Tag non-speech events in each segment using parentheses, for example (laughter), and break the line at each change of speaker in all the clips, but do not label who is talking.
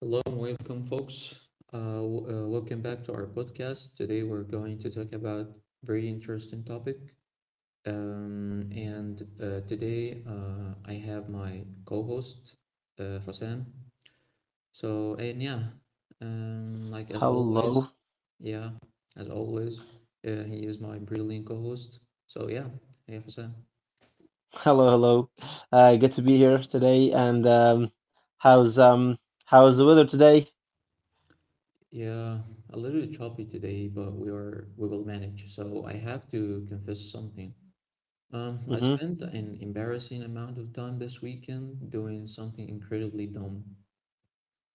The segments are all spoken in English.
Hello and welcome, folks. Welcome back to our podcast. Today we're going to talk about very interesting topic. And Today I have my co-host Hosam. So and yeah, like As
Hello,
always, yeah, as always, he is my brilliant co-host. So yeah, Hey Hosam.
(laughs) hello, hello. Good to be here today. And how's How's the weather today?
Yeah, a little bit choppy today, but we will manage. So I have to confess something. I
Mm-hmm. (laughs)
spent an embarrassing amount of time this weekend doing something incredibly dumb.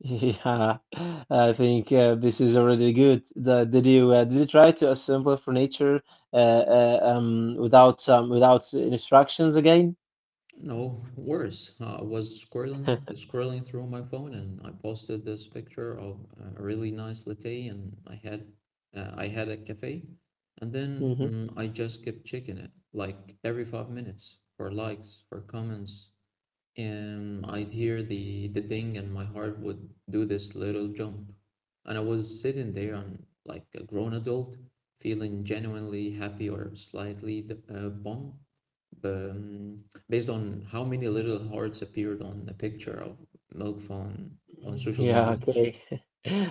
Yeah, I think this is already good. Did you did you try to assemble furniture without instructions again?
No, worse. I was scrolling through my phone and I posted this picture of a really nice latte and I had a cafe, and then
(laughs)
I just kept checking it like every 5 minutes for likes, for comments, and I'd hear the ding, and my heart would do this little jump. And I was sitting there, on, like a grown adult, feeling genuinely happy or slightly bummed, based on how many little hearts appeared on the picture of milk phone on social
Yeah,
media.
okay. (laughs)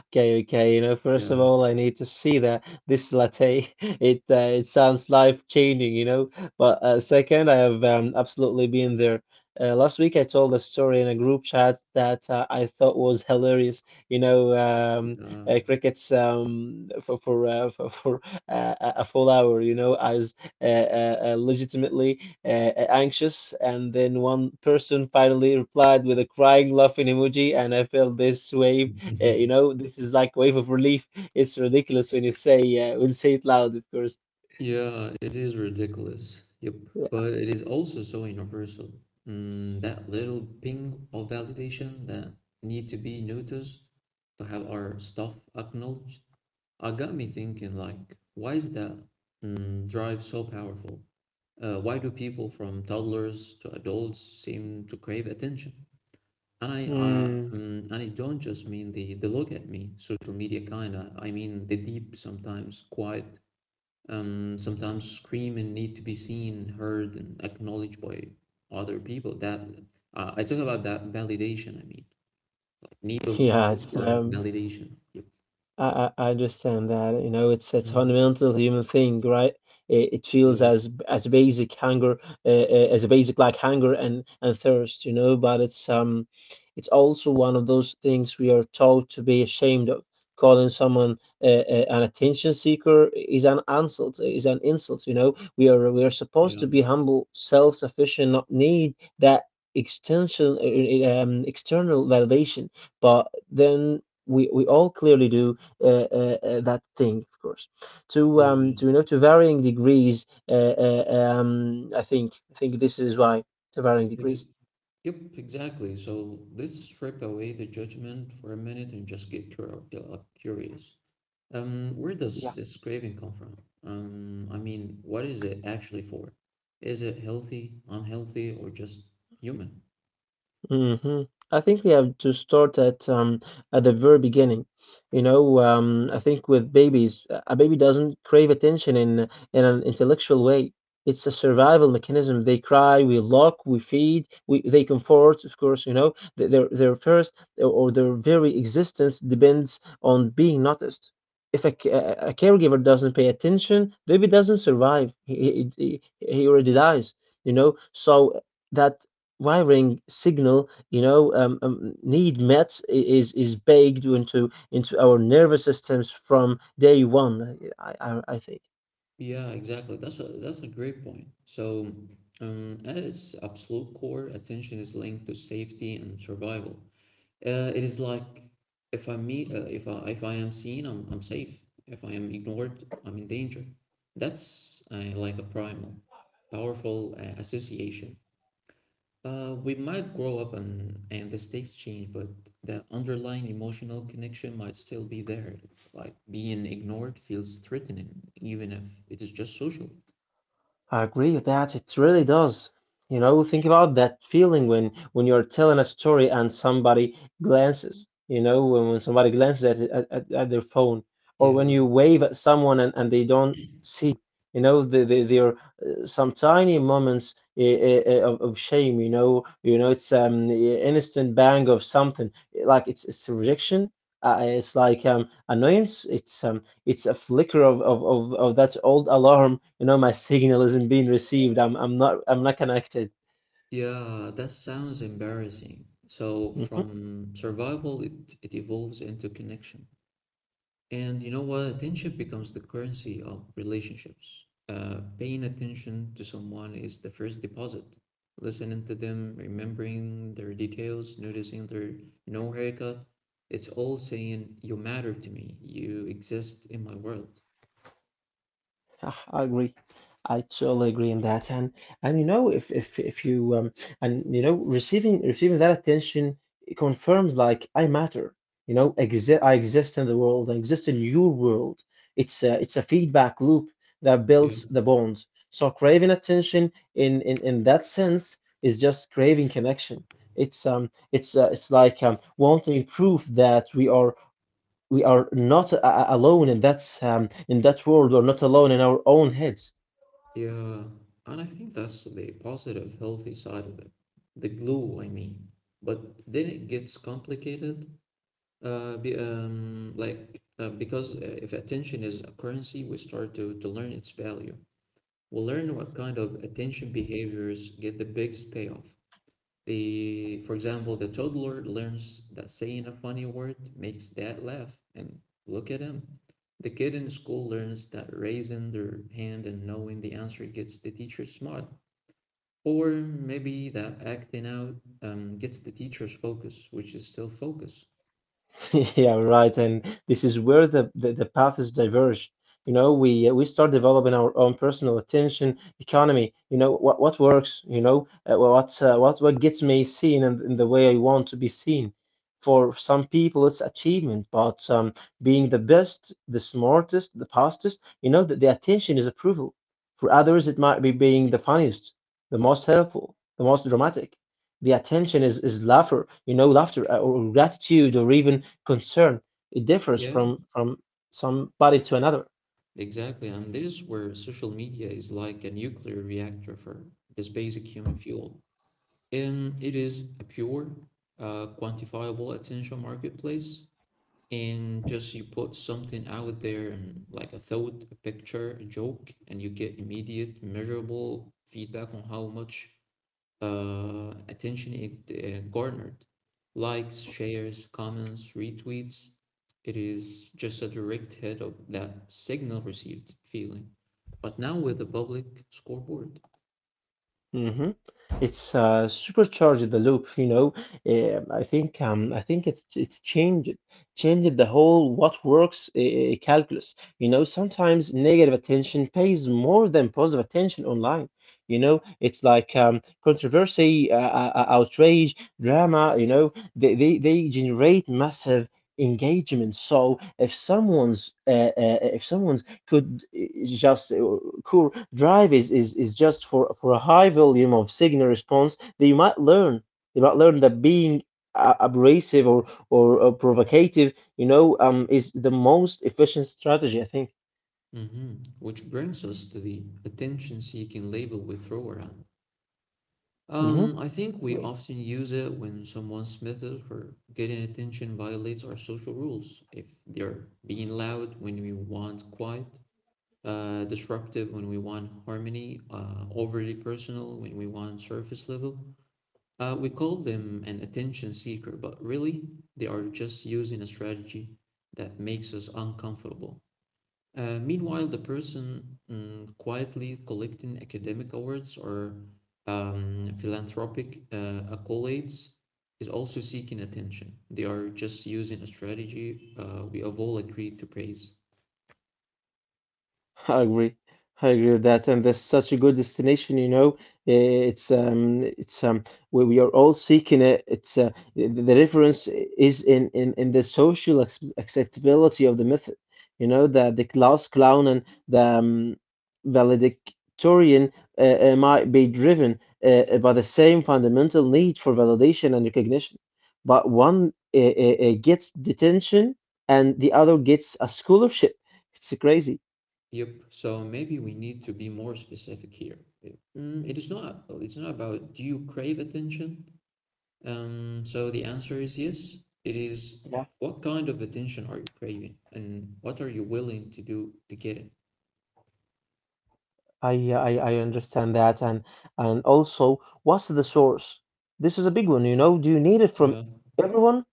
Okay, okay. You know, first of
Yeah,
all, I need to see that this latte. (laughs) It sounds life-changing, you know. But second, I have absolutely been there. Last week, I told a story in a group chat that I thought was hilarious. You know,
yeah.
crickets for (laughs) for a full hour. You know, as uh, legitimately anxious. And then one person finally replied with a crying, laughing emoji, and I felt this wave. You
(laughs)
know, this is like wave of relief. It's ridiculous when you say it loud, of course.
Yeah, it is ridiculous. Yep. But it is also so universal. Mm, that little ping of validation, that need to be noticed, to have our stuff acknowledged. I got me thinking, like, why is that drive so powerful? Why do people from toddlers to adults seem to crave attention? And I, uh,
Mm.
mm, and I don't just mean the look at me social media kind of. I mean the deep, sometimes quiet, sometimes scream and need to be seen, heard, and acknowledged by other people. That I talk about that validation. I mean,
(laughs) Yeah,
need
it's
for
um,
validation. Yep.
I, I I understand that. You know, it's a
Mhm.
fundamental human thing, right? It feels
Yeah,
as basic hunger, as a basic like hunger and thirst, you know. But it's also one of those things we are taught to be ashamed of. Calling someone an attention seeker is an insult. Is an insult, you know. We are supposed
yeah,
to be humble, self-sufficient, not need that extension, external validation. But then we all clearly do that thing, of course.
yeah.
To to varying degrees. Uh, I think this is why to varying
Ex
degrees.
Yep, exactly. So let's strip away the judgment for a minute and just get cur curious. Where
Yeah.
does this craving come from? I mean, what is it actually for? Is it healthy, unhealthy, or just human?
Mhm. I think we have to start at the very beginning. You know, I think with babies, a baby doesn't crave attention in an intellectual way. It's a survival mechanism. They cry, we lock, we feed, we they comfort. Of course, you know, their first or their very existence depends on being noticed. If a, c- a caregiver doesn't pay attention, baby doesn't survive. He already dies. You know, so that wiring signal, you know, need met is baked into our nervous systems from day one. I think.
Yeah, exactly. That's a great point. So, at its absolute core, attention is linked to safety and survival. It is like, if I am seen, I'm safe. If I am ignored, I'm in danger. That's like a primal, powerful association. We might grow up and the stakes change, but the underlying emotional connection might still be there. Like being ignored feels threatening, even if it is just social.
I agree with that. It really does. You know, think about that feeling when you're telling a story and somebody glances, you know, when somebody glances at, it- at their phone, or when
Yeah,
you wave at someone and they don't see you. Know, there are some tiny moments of shame. You know, it's the instant bang of something. Like it's rejection. It's like annoyance. It's a flicker of that old alarm. You know, my signal isn't being received. I'm not connected.
yeah, that sounds embarrassing. So
Hmm.
from survival, it evolves into connection. And you know what? Attention becomes the currency of relationships. Paying attention to someone is the first deposit. Listening to them, remembering their details, noticing their no haircut, it's all saying, "You matter to me, you exist in my world."
Ah, I agree. I totally agree in that. And you know if you and you know receiving receiving that attention, it confirms like I matter. You know, exist I exist in the world. I exist in your world. It's a feedback loop that
Yeah.
builds the bonds. So craving attention in that sense is just craving connection. It's like wanting proof that we are not alone in that world. We're not alone in our own heads.
Yeah, and I think that's the positive, healthy side of it. The glue, I mean. But then it gets complicated, be, like because if attention is a currency, we start to learn its value. We'll learn what kind of attention behaviors get the biggest payoff. The for example the toddler learns that saying a funny word makes dad laugh and look at him. The kid in school learns that raising their hand and knowing the answer gets the teacher smart, or maybe that acting out gets the teacher's focus, which is still focus.
(laughs) Yeah, right. And this is where the path is diverged. You know, we start developing our own personal attention economy. You know, what works. You know, what gets me seen and in the way I want to be seen. For some people, it's achievement, but being the best, the smartest, the fastest. You know, the attention is approval. For others, it might be being the funniest, the most helpful, the most dramatic. The attention is laughter. You know, laughter or gratitude or even concern. It differs
Yeah,
from somebody to another.
exactly. And this is where social media is like a nuclear reactor for this basic human fuel, and it is a pure, quantifiable attention marketplace. And just, you put something out there, and like a thought, a picture, a joke, and you get immediate, measurable feedback on how much attention it garnered. Likes, shares, comments, retweets. It is just a direct hit of that signal received feeling. But now with the public scoreboard.
Hmm It's supercharged the loop, you know. I think it's changed the whole what works calculus. You know, sometimes negative attention pays more than positive attention online. You know, it's like controversy, outrage, drama. You know, they generate massive engagement. So if someone's could just core drive is just for a high volume of signal response that you might learn that being abrasive or provocative, you know, is the most efficient strategy, I think.
Which brings us to the attention seeking label we throw around.
Hmm
I think we often use it when someone's method for getting attention violates our social rules. If they're being loud when we want quiet, disruptive when we want harmony, overly personal when we want surface level, we call them an attention seeker, but really, they are just using a strategy that makes us uncomfortable. Meanwhile, the person quietly collecting academic awards or philanthropic accolades is also seeking attention. They are just using a strategy we have all agreed to praise.
I agree. I agree with that, and that's such a good destination. You know, Eh, it's um, it's um, we are all seeking it. It's the difference is in the social ac acceptability of the method. You know, the class clown and the valedictorian might be driven by the same fundamental need for validation and recognition, but one gets detention and the other gets a scholarship. It's crazy.
Yep. So maybe we need to be more specific here. It- Mm, it is not. It's not about, do you crave attention. So the answer is yes. It is,
Yeah.
what kind of attention are you craving, and what are you willing to do to get it.
I understand that, and also what's the source? This is a big one, you know. Do you need it from
Yeah,
everyone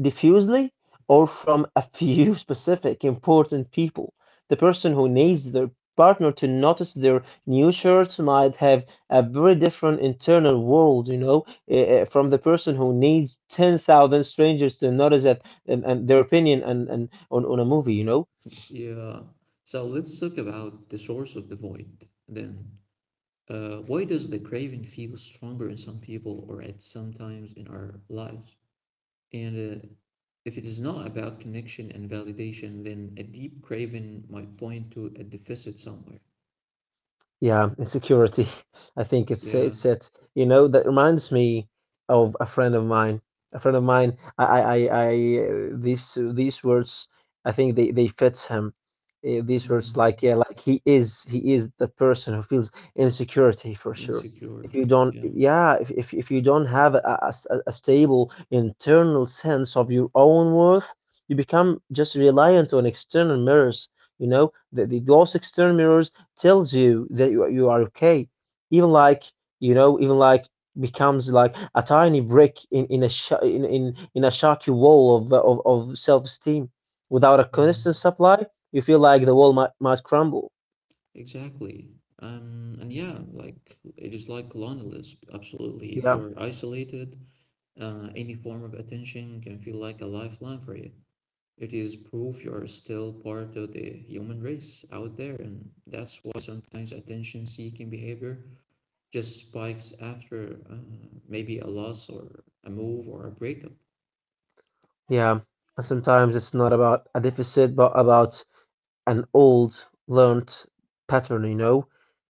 diffusely or from a few (laughs) specific important people? The person who needs their partner to notice their new shirt might have a very different internal world, you know, from the person who needs 10,000 strangers to notice that, and their opinion, and, on a movie, you know.
yeah. So let's talk about the source of the void then. Why does the craving feel stronger in some people or at some times in our lives? And If it is not about connection and validation, then a deep craving might point to a deficit somewhere.
Yeah, insecurity. (laughs) I think it's
Yeah.
it's it. You know, that reminds me of a friend of mine. A friend of mine. I these words. I think they fit him. These words
Mhm.
like yeah, like he is that person who feels insecurity for sure.
Insecure.
If you don't,
Yeah.
yeah, if you don't have a stable internal sense of your own worth, you become just reliant on external mirrors. You know, the those external mirrors tells you that you are okay, even like, you know, even like, becomes like a tiny brick in in a shaky wall of self esteem without a constant
Mhm.
supply. You feel like the wall might crumble.
Exactly. And yeah, like It is like loneliness, absolutely. If
Yeah
you're isolated, any form of attention can feel like a lifeline for you. It is proof you are still part of the human race out there, and that's why sometimes attention seeking behavior just spikes after maybe a loss or a move or a breakup.
yeah And sometimes it's not about a deficit but about an old learned pattern, you know,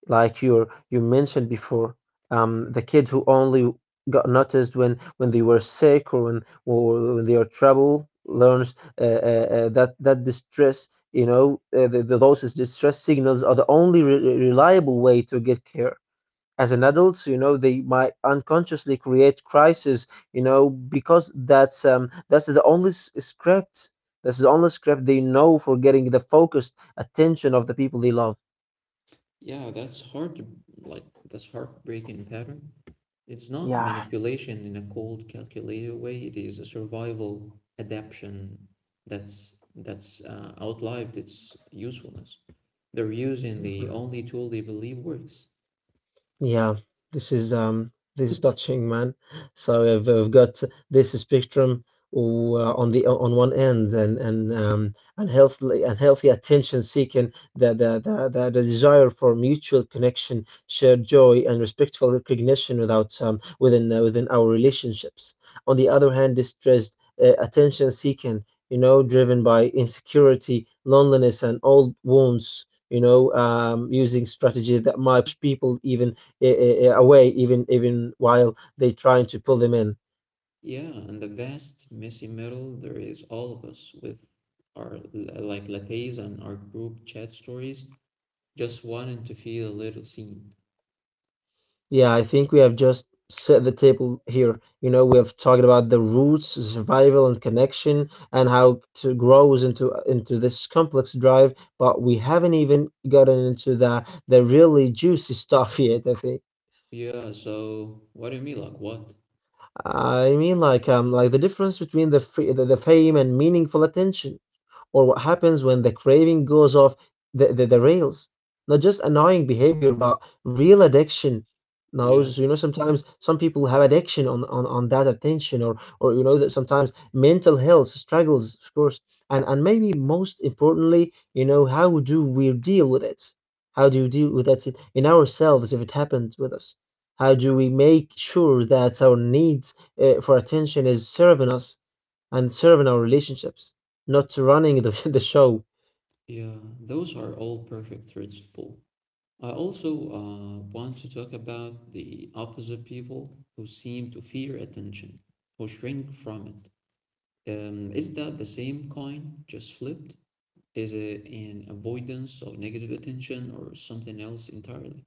like you mentioned before, the kid who only got noticed when they were sick or when they are trouble learns that that distress, you know, the those distress signals are the only re reliable way to get care as an adult. You know, they might unconsciously create crisis, you know, because that's the only s- script that's the only script they know for getting the focused attention of the people they love.
Yeah, that's hard to like that's heartbreaking pattern. It's not
Yeah
manipulation in a cold, calculated way. It is a survival adaptation that's outlived its usefulness. They're using the
(laughs)
only tool they believe works.
Yeah, this is touching, man. So we've got this spectrum on the on one end, and unhealthy attention seeking, the desire for mutual connection, shared joy and respectful recognition without within within our relationships. On the other hand, distressed attention seeking, you know, driven by insecurity, loneliness and old wounds. You know, using strategies that might push people even away even while they trying to pull them in.
Yeah, and the vast messy middle there is all of us with our like lattes and our group chat stories, just wanting to feel a little seen.
Yeah, I think we have just set the table here. You know, we have talked about the roots, survival, and connection, and how to grows into this complex drive. But we haven't even gotten into the really juicy (laughs) stuff yet. I think.
Yeah, so what do you mean, like what?
I mean, like the difference between the, free, the fame and meaningful attention, or what happens when the craving goes off the rails. Not just annoying behavior, but real addiction. Now,
Yeah,
you know, sometimes some people have addiction on that attention, or you know that sometimes mental health struggles, of course, and maybe most importantly, you know, how do we deal with it? How do you deal with that in ourselves if it happens with us? How do we make sure that our needs for attention is serving us and serving our relationships, not running (laughs) the show.
yeah, those are all perfect threads to pull. I also want to talk about the opposite, people who seem to fear attention, who shrink from it. Is that the same coin, just flipped? Is it an avoidance of negative attention or something else entirely?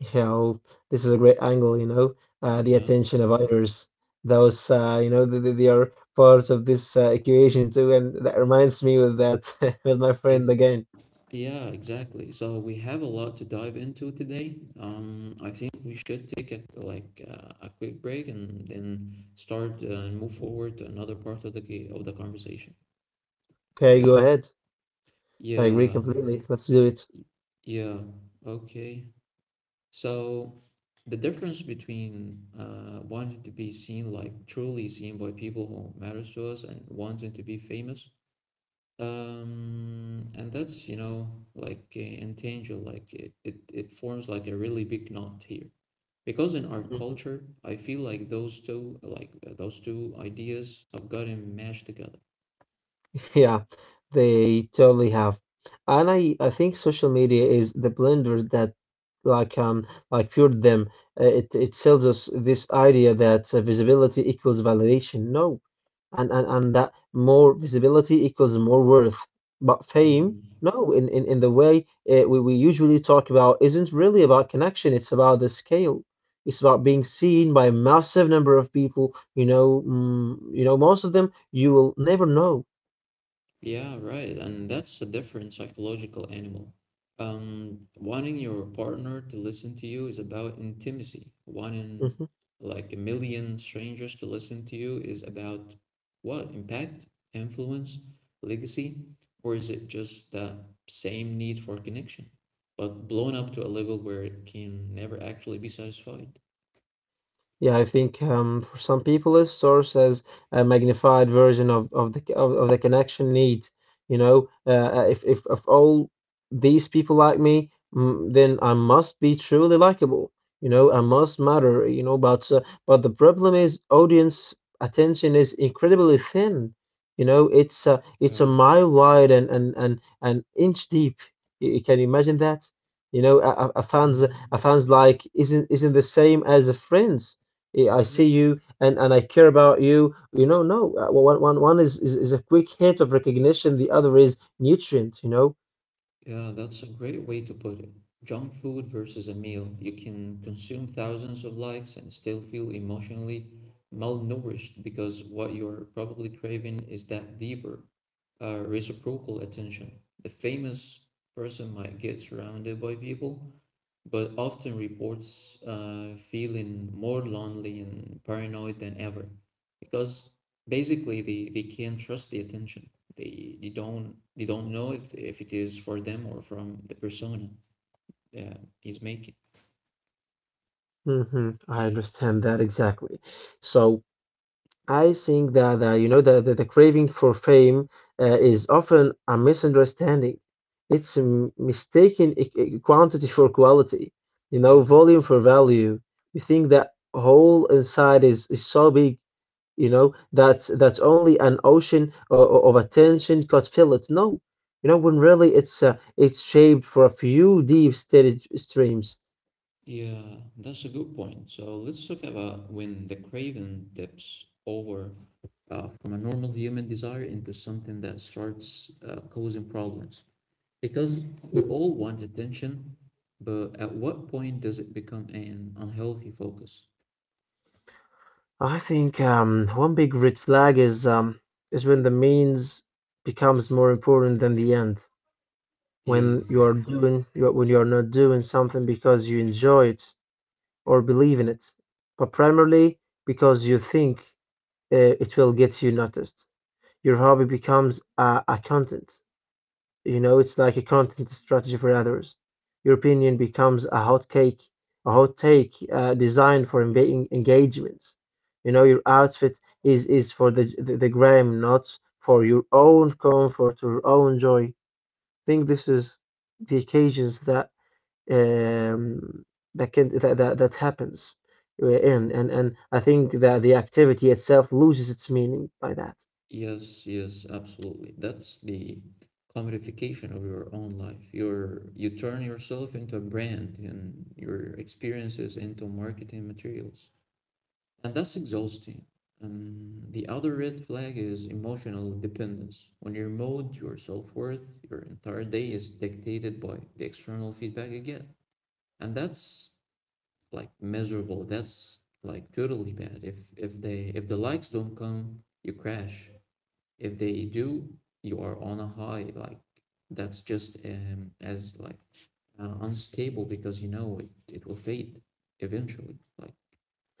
You know, this is a great angle, you know, the
Yeah,
attention of others. Those, you know, they are part of this equation too. And that reminds me with that, (laughs) with my
ex
friend again.
yeah, exactly. So we have a lot to dive into today. I think we should take a a quick break and then start and move forward to another part of the conversation.
Okay,
Yeah.
go ahead. I agree
Yeah.
completely. Let's do it.
Yeah, okay. So the difference between wanting to be seen, like truly seen by people who matters to us, and wanting to be famous, and that's, you know, entangled, like it forms like a really big knot here. Because in our culture, I feel like those two, those two ideas have gotten mashed together.
Yeah, they totally have. And I think social media is the blender that like cured them. It sells us this idea that visibility equals validation. No. And that more visibility equals more worth. But fame,
Mm.
no, in the way we usually talk about isn't really about connection, it's about the scale. It's about being seen by a massive number of people, you know, you know, most of them you will never know.
Yeah, right. And that's a different psychological animal. Wanting your partner to listen to you is about intimacy. Wanting
Mm-hmm.
like a million strangers to listen to you is about, what? Impact, influence, legacy? Or is it just that same need for connection, but blown up to a level where it can never actually be satisfied?
Yeah, I think for some people, it serves as a magnified version of the connection need. You know, if all these people like me, then I must be truly likable. You know, I must matter. You know, but the problem is audience attention is incredibly thin. You know, it's a
Yeah.
mile wide and an inch deep. You can imagine that. You know, a
Mhm.
fans like isn't the same as a friend's eh, I see you and I care about you. You know, no, one is a quick hit of recognition, the other is nutrient, you know?
Yeah, that's a great way to put it. Junk food versus a meal. You can consume thousands of likes and still feel emotionally malnourished, because what you're probably craving is that deeper, reciprocal attention. The famous person might get surrounded by people but often reports feeling more lonely and paranoid than ever, because basically they can't trust the attention. They don't know if it is for them or from the persona that he's making.
I understand that exactly. So I think that, you know, the craving for fame is often a misunderstanding. It's a mistaken quantity for quality, you know,
Yeah,
volume for value. We think that whole inside is so big, you know, that's only an ocean of attention cut fillets, no. You know, when really it's shaped for a few deep steady streams.
yeah, that's a good point. So let's talk about when the craving dips over from a normal human desire into something that starts causing problems. Because we
Mhm.
all want attention, but at what point does it become an unhealthy focus?
I think one big red flag is when the means becomes more important than the end,
Yeah,
when you are doing when you are not doing something because you enjoy it or believe in it, but primarily because you think it will get you noticed. Your hobby becomes a content, you know, it's like a content strategy for others. Your opinion becomes a hot cake, a hot take designed for engagements. You know, your outfit is for the gram, not for your own comfort or own joy. I think this is the occasions that um, that can that that happens in. And I think that the activity itself loses its meaning by that.
Yes, yes, absolutely. That's the commodification of your own life. You turn yourself into a brand and your experiences into marketing materials. And that's exhausting. The other red flag is emotional dependence. On your mood, your self worth, your entire day is dictated by the external feedback you get. And that's like miserable. That's like totally bad. If the likes don't come, you crash. If they do, you are on a high. That's just as like unstable, because you know it will fade eventually.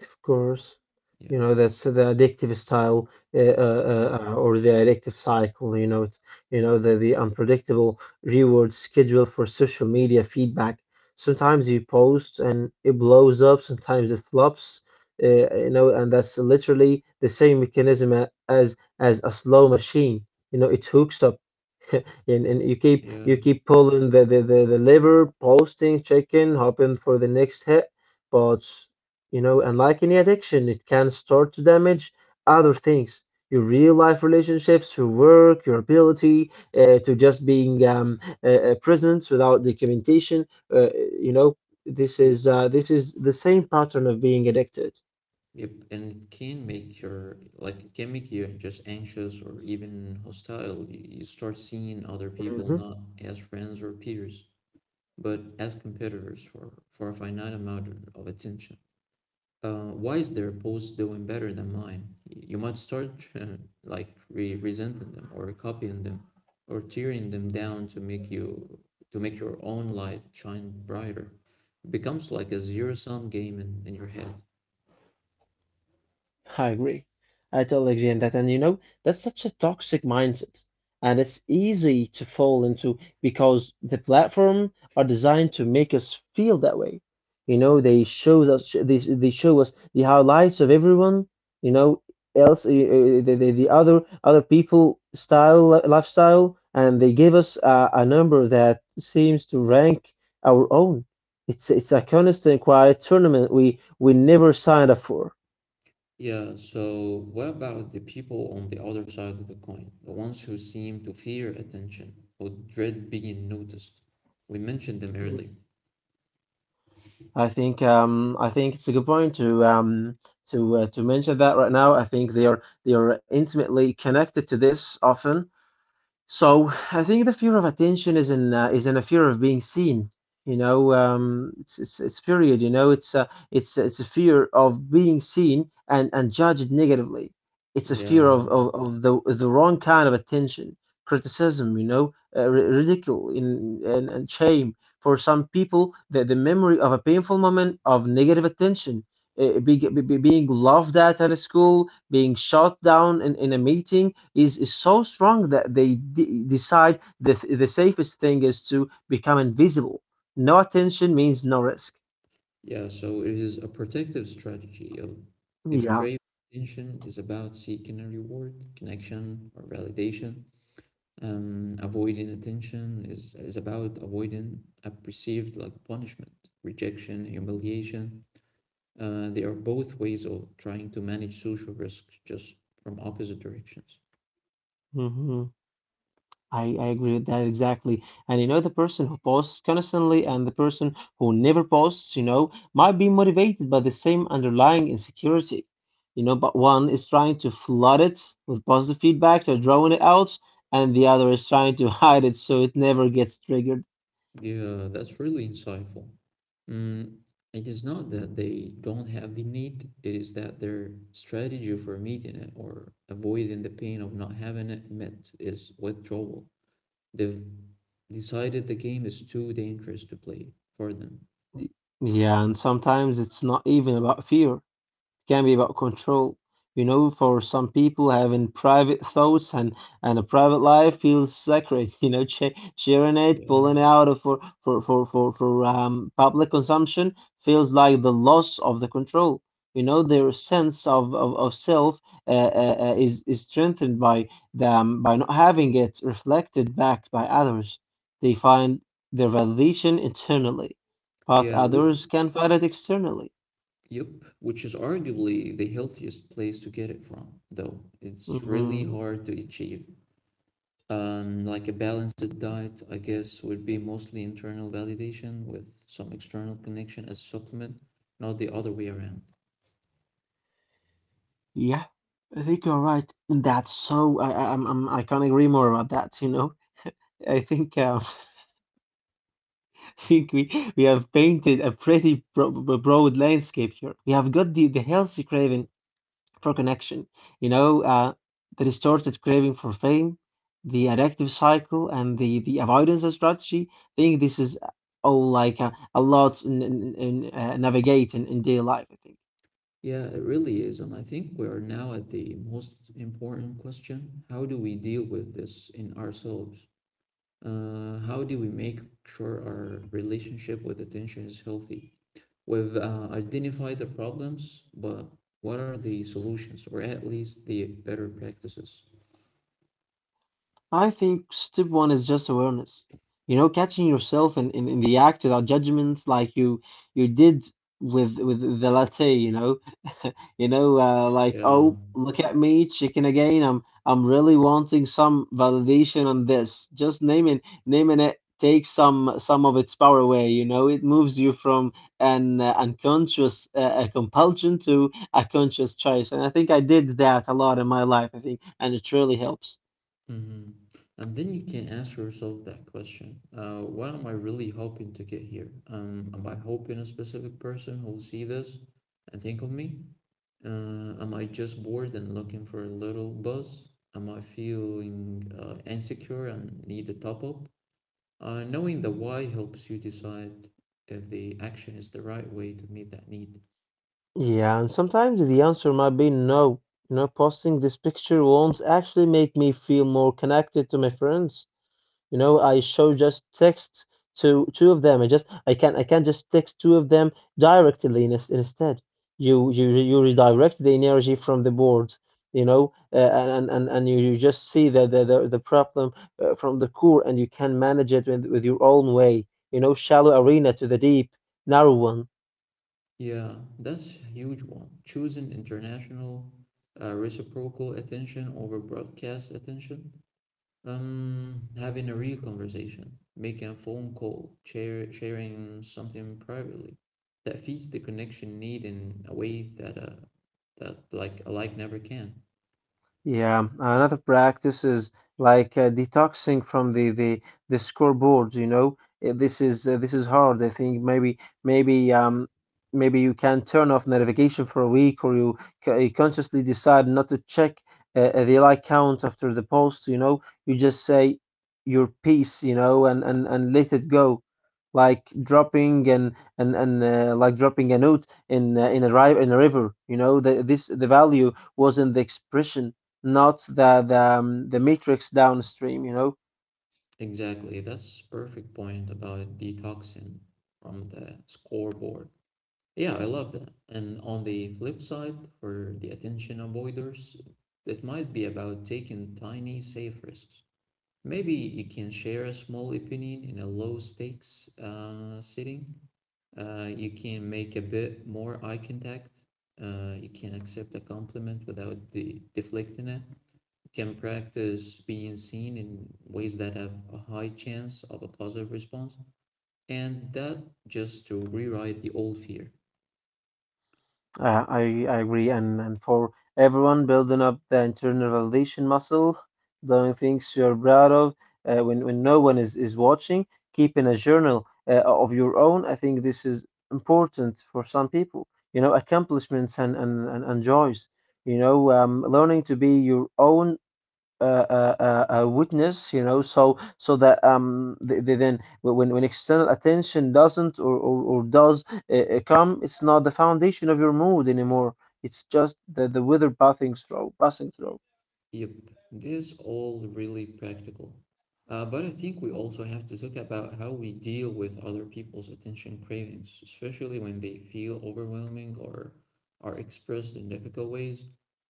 Of course,
Yeah,
you know that's the addictive style, or the addictive cycle. You know, it's, you know, the unpredictable reward schedule for social media feedback. Sometimes you post and it blows up. Sometimes it flops. You know, and that's literally the same mechanism as as a slow machine. You know, it hooks up (laughs) and you keep
yeah,
you keep pulling the lever, posting, checking, hoping for the next hit. But you know, unlike any addiction, it can start to damage other things. Your real life relationships, your work, your ability to just being present without documentation. Uh, you know,
yeah.
this is the same pattern of being addicted.
Yep, and it can make your it can make you just anxious or even hostile. You start seeing other people
Mhm.
not as friends or peers, but as competitors for a finite amount of attention. Why is their post doing better than mine? You might start (laughs) like resenting them or copying them or tearing them down to make you to make your own light shine brighter. It becomes like a zero sum game in your head.
I agree. I totally agree on that. And you know, that's such a toxic mindset. And it's easy to fall into because the platform are designed to make us feel that way. You know, they show us the highlights of everyone, you know, else the other other people style lifestyle, and they give us a number that seems to rank our own. It's a constant quiet tournament we never signed up for.
Yeah, so what about the people on the other side of the coin? The ones who seem to fear attention or dread being noticed? We mentioned them earlier.
I think I think it's a good point to to mention that right now. I think they are intimately connected to this often. So I think the fear of attention is in a fear of being seen. You know, it's period. You know, it's it's a fear of being seen and judged negatively. It's a fear
Yeah,
of the wrong kind of attention, criticism. You know, ridicule in and shame. For some people, the memory of a painful moment of negative attention, being laughed at a school, being shot down in a meeting is so strong that they decide that the safest thing is to become invisible. No attention means no risk.
yeah, so it is a protective strategy of if
Yeah.
craving attention is about seeking a reward, connection, or validation, avoiding attention is about avoiding a perceived like punishment, rejection, humiliation. They are both ways of trying to manage social risks just from opposite directions.
hmm I agree with that exactly. And you know, the person who posts constantly and the person who never posts, you know, might be motivated by the same underlying insecurity. You know, but one is trying to flood it with positive feedback, they're drawing it out, and the other is trying to (laughs) hide it so it never gets triggered.
Yeah, that's really insightful. Mm, it is not that they don't have the need, it is that their strategy for meeting it or avoiding the pain of not having it met is withdrawal. They've decided the game is too dangerous to play for them.
Yeah, and sometimes it's not even about fear, can be about control. You know, for some people, having private thoughts and a private life feels sacred. (laughs) You know, sharing it,
Yeah.
pulling it out of for public consumption feels like the loss of the control. You know, their sense of self uh, is strengthened by them by not having it reflected back by others. They find their validation internally, but
Yeah, which,
others can find it externally.
yep, which is arguably the healthiest place to get it from, though. It's really
Mhm.
hard to achieve. Like a balanced diet, I guess, would be mostly internal validation with some external connection as a supplement, not the other way around.
Yeah, I think you're right. That's so I can't agree more about that, you know. I think (laughs) I think we have painted a pretty broad landscape here. We have got the healthy craving for connection, you know, the distorted craving for fame, the addictive cycle, and the avoidance of strategy. I think this is all like a lot in in navigating in daily life, I think.
Yeah, it really is. And I think we are now at the most important question. How do we deal with this in ourselves? How do we make sure our relationship with attention is healthy? We've identified the problems, but what are the solutions, or at least the better practices?
I think step one is just awareness. You know, catching yourself in the act without judgment, like you did with the latte. You know, (laughs) you know, like
Yeah,
oh, look at me, chicken again. I'm really wanting some validation on this. Just naming it takes some of its power away. You know, it moves you from an unconscious a compulsion to a conscious choice. And I think I did that a lot in my life. I think, and it really helps.
mm-hmm. And then you can ask yourself that question. What am I really hoping to get here? Am I hoping a specific person who will see this and think of me? Am I just bored and looking for a little buzz? Am I feeling insecure and need a top up? Knowing the why helps you decide if the action is the right way to meet that need.
Yeah, and sometimes the answer might be no. You know, posting this picture won't actually make me feel more connected to my friends. You know, I show just text to two of them. I just I can't just text two of them directly instead. You redirect the energy from the board. You know, and you just see the problem from the core, and you can manage it with your own way. You know, shallow arena to the deep, narrow one.
Yeah, that's a huge one. Choosing international reciprocal attention over broadcast attention. Having a real conversation, making a phone call, sharing something privately, that feeds the connection need in a way that that like a like never can.
Yeah, another practice is like detoxing from the the scoreboards, you know. This is hard. I think maybe um maybe you can turn off notification for a week, or you, you consciously decide not to check the like count after the post, you know. You just say your piece, you know, and let it go, like dropping an and like dropping a note in a ri in a river. You know, the this the value was in the expression, not the the matrix downstream. You know,
Exactly, that's perfect point about detoxing from the scoreboard. Yeah, I love that. And on the flip side, for the attention avoiders, it might be about taking tiny, safe risks. Maybe you can share a small opinion in a low stakes setting. You can make a bit more eye contact. You can accept a compliment without the deflecting it. You can practice being seen in ways that have a high chance of a positive response. And that just to rewrite the old fear.
I agree, and for everyone building up the internal validation muscle, doing things you're proud of, when no one is watching, keeping a journal of your own, I think this is important for some people. You know, accomplishments and and joys. You know, learning to be your own witness, you know, so so that they then when external attention doesn't or does come, it's not the foundation of your mood anymore. It's just the weather passing through, passing through.
Yep, this is all really practical. But I think we also have to talk about how we deal with other people's attention cravings, especially when they feel overwhelming or are expressed in difficult ways,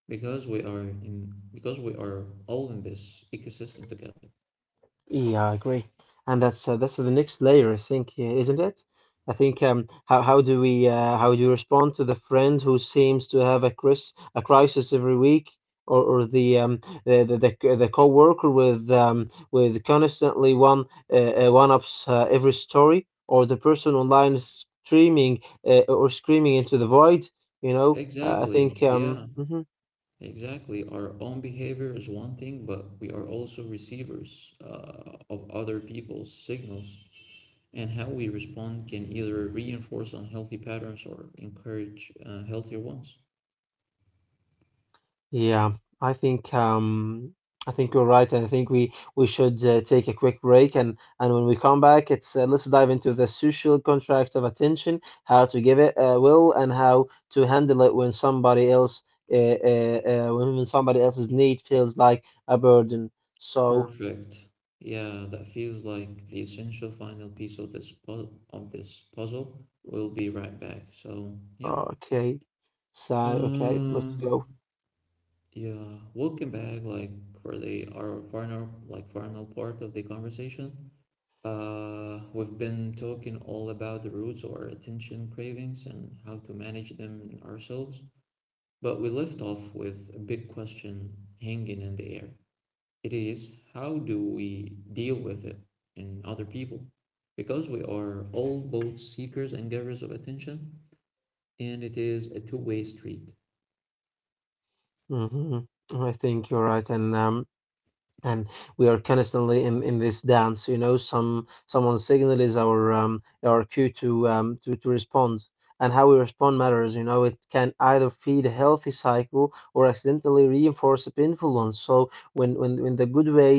because we are all in this ecosystem together.
Yeah, I agree. And that's the next layer, I think, isn't it? I think how do we how do you respond to the friend who seems to have a cris a crisis every week, or the the coworker with constantly one one ups every story, or the person online screaming or screaming into the void, you know? I think
Exactly. Yeah,
mhm.
exactly. Our own behavior is one thing, but we are also receivers of other people's signals, and how we respond can either reinforce unhealthy patterns or encourage healthier ones.
Yeah, I think um, I think you're right, and I think we should take a quick break, and when we come back, it's let's dive into the social contract of attention, how to give it will, and how to handle it when somebody else when somebody else's need feels like a burden. So
Perfect. Yeah, that feels like the essential final piece of of this puzzle. We'll be right back. So yeah,
okay, so okay, let's go.
um, yeah, welcome back. Like for the our final like final part of the conversation. We've been talking all about the roots of our attention cravings and how to manage them ourselves. But we left off with a big question hanging in the air. It is how do we deal with it in other people? Because we are all both seekers and givers of attention, and it is a two-way street.
hmm I think you're right, and we are constantly in this dance, you know, someone's signal is our cue to respond, and how we respond matters, you know. It can either feed a healthy cycle or accidentally reinforce a painful one. So when the good way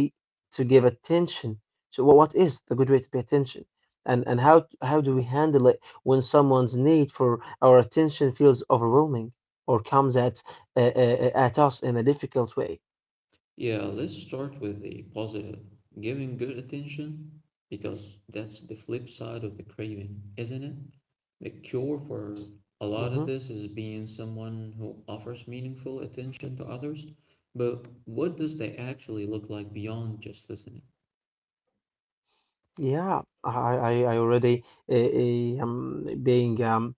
to give attention to what is the good way to pay attention, and how do we handle it when someone's need for our attention feels overwhelming or comes at us in a difficult way?
Yeah, let's start with the positive. Giving good attention, because that's the flip side of the craving, isn't it? The cure for a lot of
Mhm.
this is being someone who offers meaningful attention to others. But what does that actually look like beyond just listening?
Yeah, I already being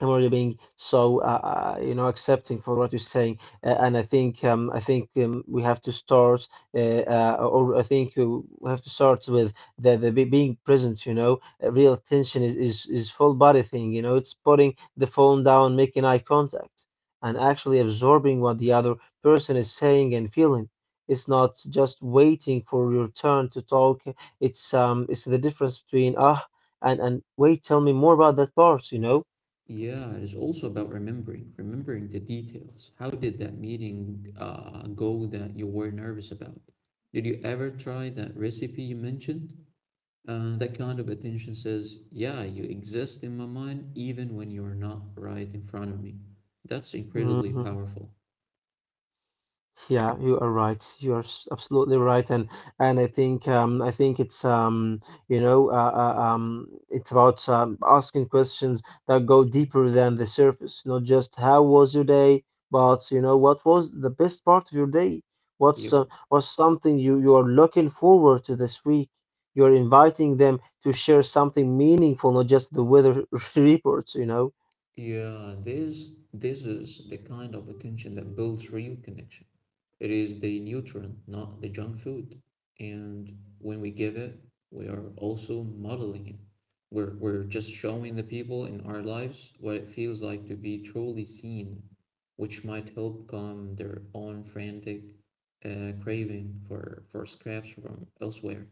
I'm already being so you know, accepting for what you're saying, and I think we have to start, or I think we have to start with the being present. You know, real attention is full body thing. You know, it's putting the phone down, making eye contact, and actually absorbing what the other person is saying and feeling. It's not just waiting for your turn to talk. It's the difference between ah and wait, tell me more about that part. You know.
Yeah, it is also about remembering, the details. How did that meeting go that you were nervous about? Did you ever try that recipe you mentioned? That kind of attention says, yeah, you exist in my mind even when you're not right in front of me. That's incredibly
Mhm.
powerful.
Yeah, you are right. You are absolutely right, and I think it's you know it's about asking questions that go deeper than the surface. Not just how was your day, but you know what was the best part of your day.
Yep.
What's something you are looking forward to this week? You are inviting them to share something meaningful, not just the weather (laughs) reports. You know.
Yeah, this is the kind of attention that builds real connection. It is the nutrient, not the junk food. And when we give it, we are also modeling it. We're just showing the people in our lives what it feels like to be truly seen, which might help calm their own frantic craving for scraps from elsewhere.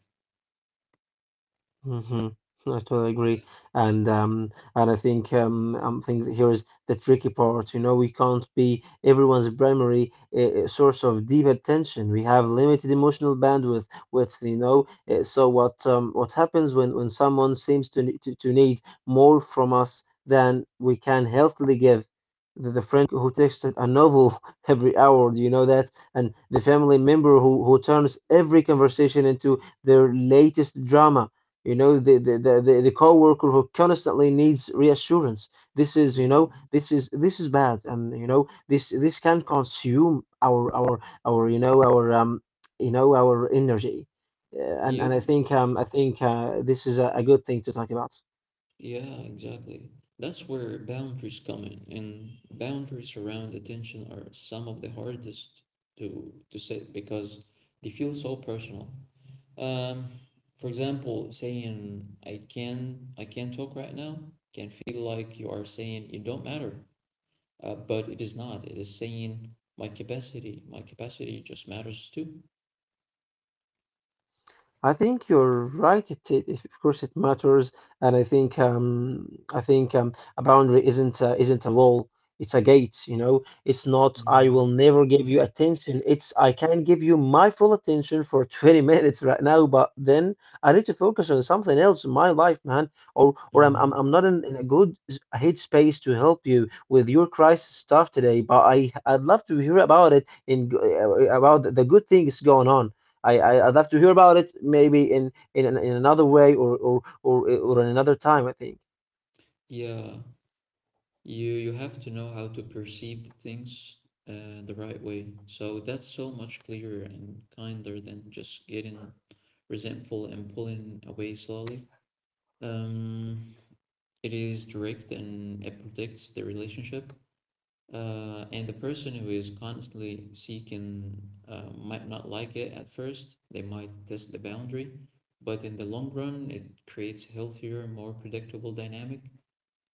hmm I totally agree, and um, and I think things here is the tricky part. You know, we can't be everyone's primary source of deep attention. We have limited emotional bandwidth. Which you know, what happens when someone seems to, to need more from us than we can healthily give? The friend who texts a novel (laughs) every hour, do you know that? And the family member who turns every conversation into their latest drama. You know the worker who constantly needs reassurance. This is, you
Yeah.
know, this is bad. And you know this can consume our you know our you know our energy. Uh, and
Yep.
I think this is a good thing to talk about.
Yeah, exactly. That's where boundaries come in, and boundaries around attention are some of the hardest to set because they feel so personal. Um, for example, saying I can't talk right now can feel like you are saying you don't matter, but it is not. It is saying my capacity, just matters too.
I think you're right. Of course it matters, and I think a boundary isn't a wall. It's a gate. You know, it's not I will
Mhm.
never give you attention. It's I can give you my full attention for 20 (laughs) minutes right now, but then I need to focus on something else in my life, man. Or I'm I'm,
Mm-hmm.
I'm not in a good headspace to help you with your crisis stuff today. But I'd love to hear about it about the good things going on. I I'd love to hear about it maybe in another way or in another time, I think.
Yeah. You have to know how to perceive the things the right way. So that's so much clearer and kinder than just getting resentful and pulling away slowly. Um, it is direct and it protects the relationship. And the person who is constantly seeking might not like it at first. They might test the boundary, but in the long run, it creates a healthier, more predictable dynamic.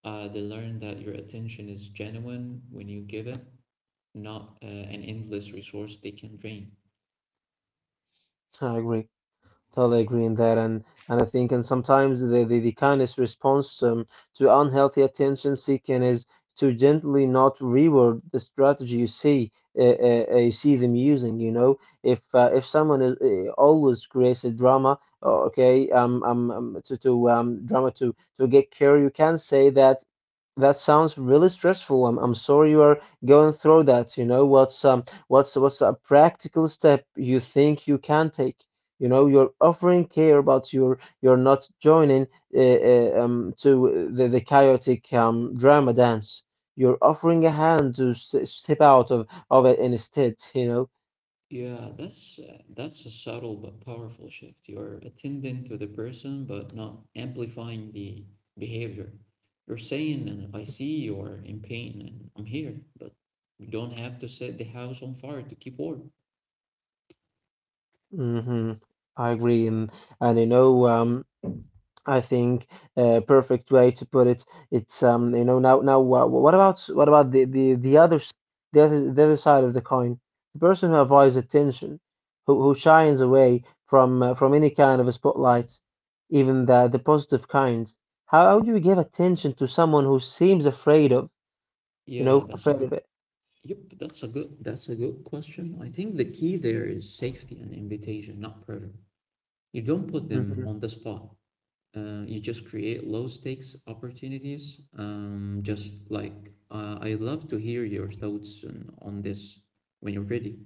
They learn that your attention is genuine when you give it, not an endless resource they can drain.
I agree. Totally agree in that, and I think and sometimes the kindest response to unhealthy attention seeking is to gently not reward the strategy you see them using. You know, if someone is always creates a drama, oh, okay, to get care. You can say that that sounds really stressful. I'm sorry you are going through that. What's a practical step you think you can take? You know, you're offering care, but you're not joining to the chaotic drama dance. You're offering a hand to step out of it instead. You know.
Yeah, that's a subtle but powerful shift. You're attending to the person, but not amplifying the behavior. You're saying, and "I see you are in pain, and I'm here," but you don't have to set the house on fire to keep warm.
hmm I agree, and you know, I think a perfect way to put it, it's you know, now what about the other the other side of the coin, the person who avoids attention, who shines away from any kind of a spotlight, even the positive kind. How do you give attention to someone who seems afraid of, you
Yeah,
know,
that's a
afraid of
good.
it?
Yep, That's a good question. I think the key there is safety and invitation, not pressure. You don't put
Mm-hmm.
them on the spot. You just create low stakes opportunities. Just like I love to hear your thoughts on this when you're ready.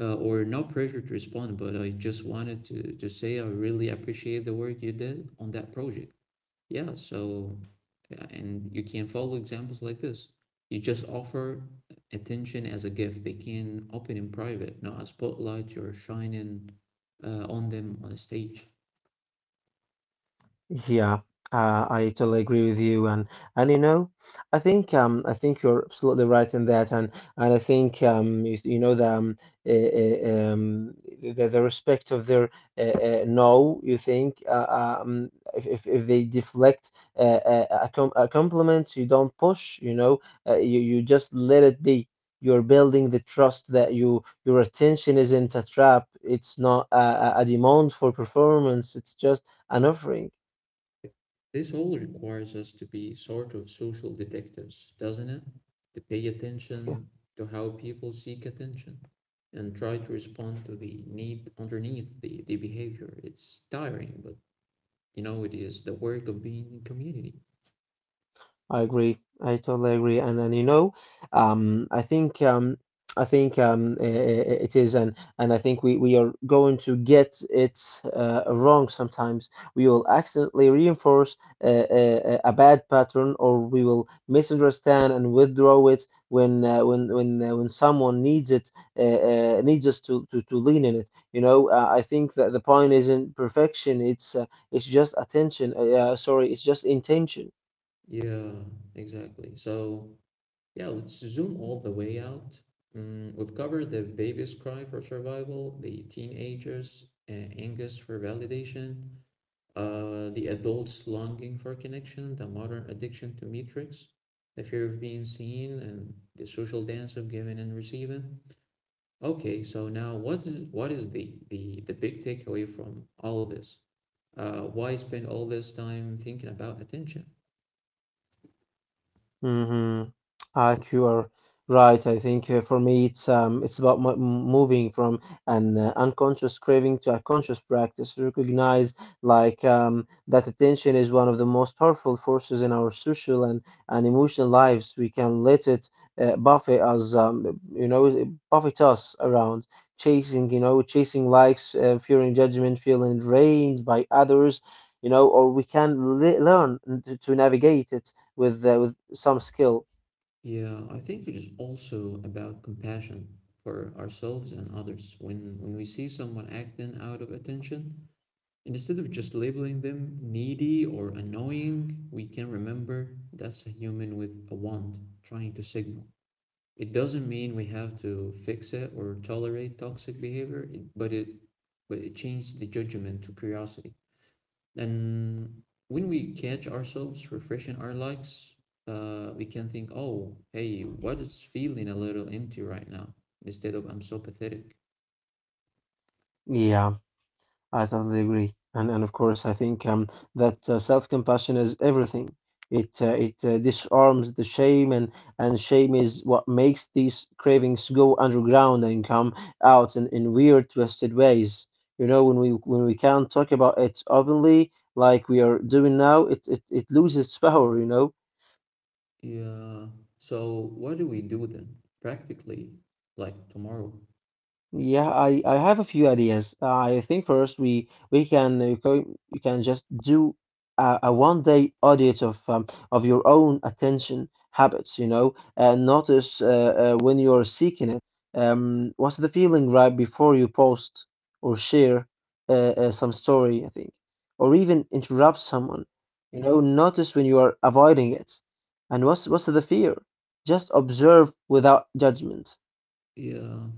Or no pressure to respond, but I just wanted to say I really appreciate the work you did on that project. Yeah, so, yeah, and you can follow examples like this. You just offer attention as a gift. They can open in private, not a spotlight you're shining on them on a stage.
Yeah, I totally agree with you, and you know, I think you're absolutely right in that, and you know uh, uh, um the respect of their no, you think um if if they deflect a compliment, you don't push, you know, you just let it be. You're building the trust that your attention isn't a trap. It's not a demand for performance. It's just an offering.
This all requires us to be sort of social detectives, doesn't it? To pay
Yeah,
attention to how people seek attention and try to respond to the need underneath the behavior. It's tiring, but you know, it is the work of being in community.
I agree. I totally agree. And you know, I think I think I- it is, and I think we are going to get it wrong sometimes. We will accidentally reinforce a bad pattern, or we will misunderstand and withdraw it when someone needs it needs us to, to lean in it. You know, I think that the point isn't perfection. It's just attention. Uh, it's just intention.
Yeah, exactly. So, yeah, let's zoom all the way out. We've covered the baby's cry for survival, the teenager's anguish for validation, the adult's longing for connection, the modern addiction to metrics, the fear of being seen, and the social dance of giving and receiving. Okay, so now what is the big takeaway from all of this? Why spend all this time thinking about attention?
Mm-hmm. I think you are right. I think for me, it's about moving from an unconscious craving to a conscious practice. Recognize that attention is one of the most powerful forces in our social and emotional lives. We can let it you know, buffet us around, chasing, you know, chasing likes, fearing judgment, feeling drained by others. You know, or we can le learn to navigate it with some skill.
Yeah, I think it is also about compassion for ourselves and others. When we see someone acting out of attention, and instead of just labeling them needy or annoying, we can remember that's a human with a want trying to signal. It doesn't mean we have to fix it or tolerate toxic behavior, but it changes the judgment to curiosity. And when we catch ourselves refreshing our likes, we can think, oh, hey, what is feeling a little empty right now? Instead of I'm so pathetic.
Yeah, I totally agree. And of course, I think that self-compassion is everything. It it disarms the shame, and shame is what makes these cravings go underground and come out in weird, twisted ways. You know, when we can't talk about it openly, like we are doing now, it loses its power. You know.
Yeah. So what do we do then? Practically, like tomorrow.
Yeah, I have a few ideas. I think first we can you can, you can just do a one-day audit of your own attention habits, you know, and notice when you're seeking it. What's the feeling right before you post or share some story, I think, or even interrupt someone, you know, notice when you are avoiding it, and what's the fear? Just observe without judgment.
Yeah.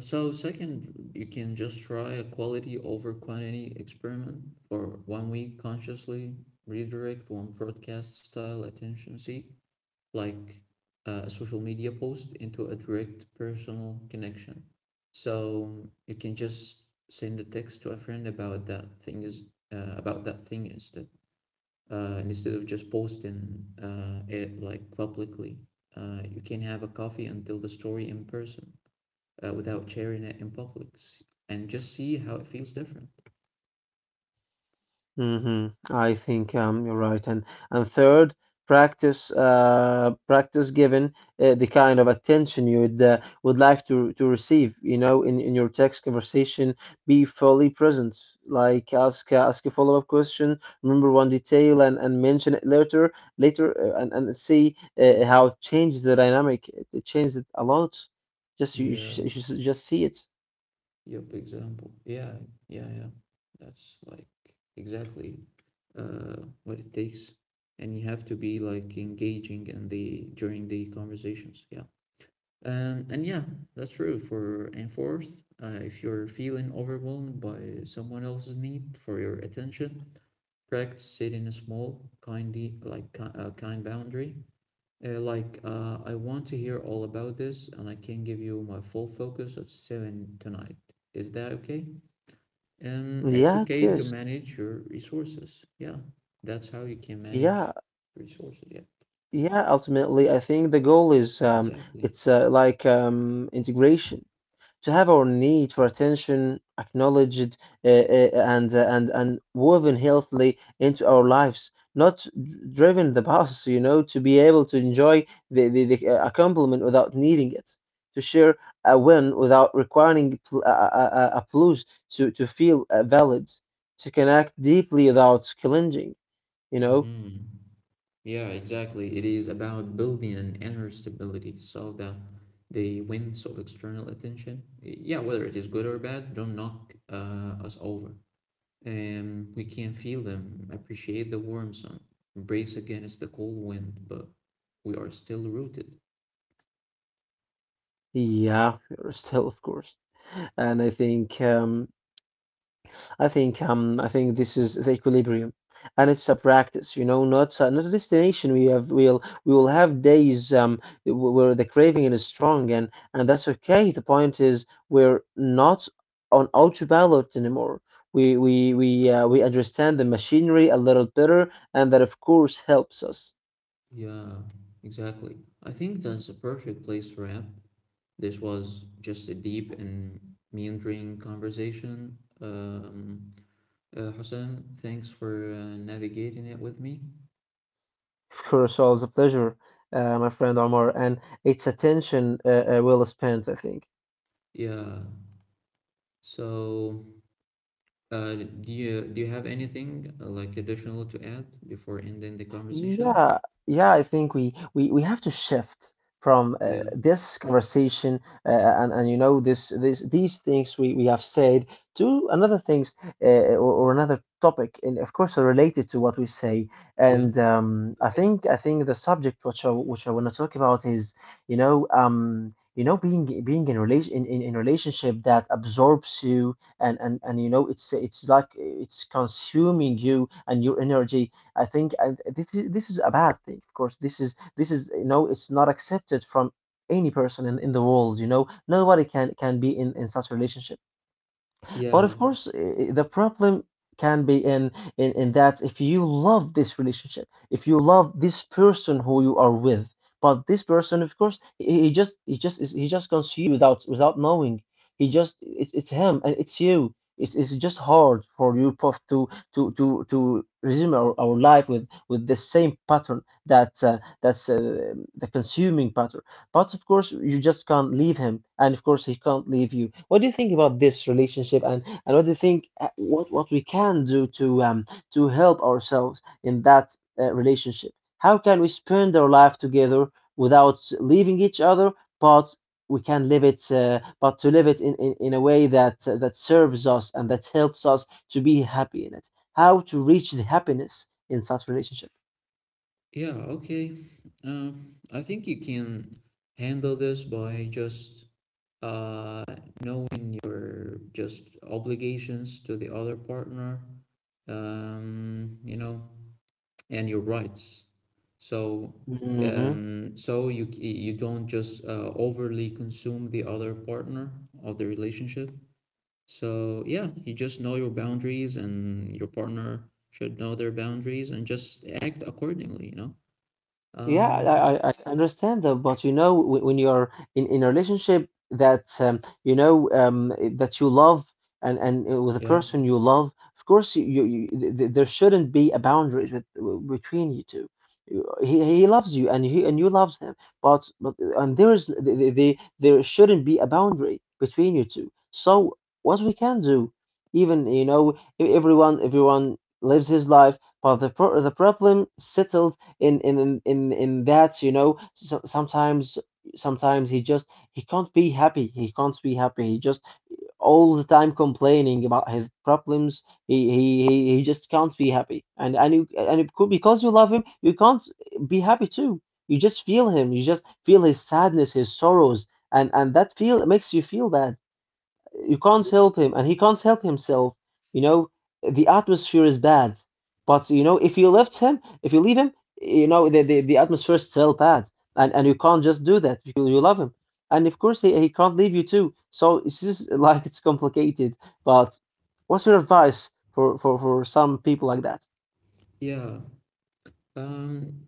So second, you can just try a quality over quantity experiment for one week consciously redirect one broadcast style attention seek, like a social media post into a direct personal connection. So you can just send a text to a friend about that thing is about that thing instead. Instead of just posting it like publicly. You can have a coffee and tell the story in person without sharing it in public and just see how it feels different.
I think you're right, and third, practice practice given the kind of attention you would like to receive. You know, in your text conversation, be fully present. Like ask a follow up question, remember one detail, and mention it later and see how it changes the dynamic. It changes it a lot. Just
Yeah,
you should just see it.
yep, example. Yeah, yeah, yeah. That's like exactly what it takes. And you have to be like engaging in the during the conversations. Yeah. And yeah, that's true. For And fourth, if you're feeling overwhelmed by someone else's need for your attention, practice setting a small, kind boundary. Like I want to hear all about this, and I can give you my full focus at seven tonight. Is that okay? It's
Yeah, it
okay to
is.
manage your resources. Yeah, that's how you can
Yeah.
manage resources. Yeah,
Yeah, ultimately, I think the goal is
exactly.
it's like integration to have our need for attention acknowledged and woven healthily into our lives, not driven the bus, you know, to be able to enjoy the a compliment without needing it, to share a win without requiring a applause, to feel valid, to connect deeply without clenching, you know.
Mm-hmm. Yeah, exactly. It is about building an inner stability so that the winds of external attention, yeah, whether it is good or bad, don't knock us over. And we can feel them, appreciate the warm sun, brace against the cold wind, but we are still rooted.
Yeah, (laughs) you're still, of course. And I think this is the equilibrium, and it's a practice, you know, not not a destination. We have we will have days where the craving is strong, and that's okay. The point is we're not on autopilot anymore. We understand the machinery a little better, and that of course helps us.
Yeah, exactly. I think that's a perfect place to wrap. This was just a deep and meandering conversation. Hussein, thanks for navigating it with me.
Of course, always a pleasure, my friend Omar, and it's attention well spent, I think.
Yeah. So, do you have anything like additional to add before ending the conversation?
Yeah, yeah, I think we have to shift from
Yeah.
this conversation and this this these things we have said to another things or another topic, and of course are related to what we say.
Yeah.
And
Go
I
ahead.
think I think the subject which I want to talk about is being in relationship that absorbs you, and you know it's like it's consuming you and your energy. I think this is a bad thing. Of course, this is you know it's not accepted from any person in the world. You know, nobody can be in such relationship. But of
Yeah.
course, the problem can be in that if you love this relationship, if you love this person who you are with, but this person, of course, he just is he just consumes you without knowing. He just it's him and it's you. It's just hard for you both to to resume our life with the same pattern that's the consuming pattern. But of course, you just can't leave him, and of course, he can't leave you. What do you think about this relationship, and what do you think what we can do to help ourselves in that relationship? How can we spend our life together without leaving each other, but we can live it, but to live it in a way that that serves us and that helps us to be happy in it. How to reach the happiness in such relationship?
Yeah. Okay. Uh, I think you can handle this by just uh knowing your just obligations to the other partner. You know, and your rights. So
Hmm.
so you you don't just overly consume the other partner of the relationship. So yeah, you just know your boundaries, and your partner should know their boundaries, and just act accordingly. You know.
Yeah,
Uh,
I I understand that, but you know, when you're in a relationship that that you love, and with a
yeah,
person you love, of course, you there shouldn't be a boundaries with between you two. He loves you and he and you loves him, but and there is there shouldn't be a boundary between you two. So what we can do, even you know, everyone lives his life, but the problem settled in that you know so, sometimes he just he can't be happy, he just all the time complaining about his problems. He just can't be happy, and you and it could, because you love him, you can't be happy too. You just feel him, you just feel his sadness, his sorrows, and that feel makes you feel bad. You can't help him, and he can't help himself. You know, the atmosphere is bad. But you know, if you left him, if you leave him, you know the atmosphere is still bad, and you can't just do that because you love him, and of course he can't leave you too, so it's just (laughs) like it's complicated. But what's your advice for some people like that?
yeah. Um,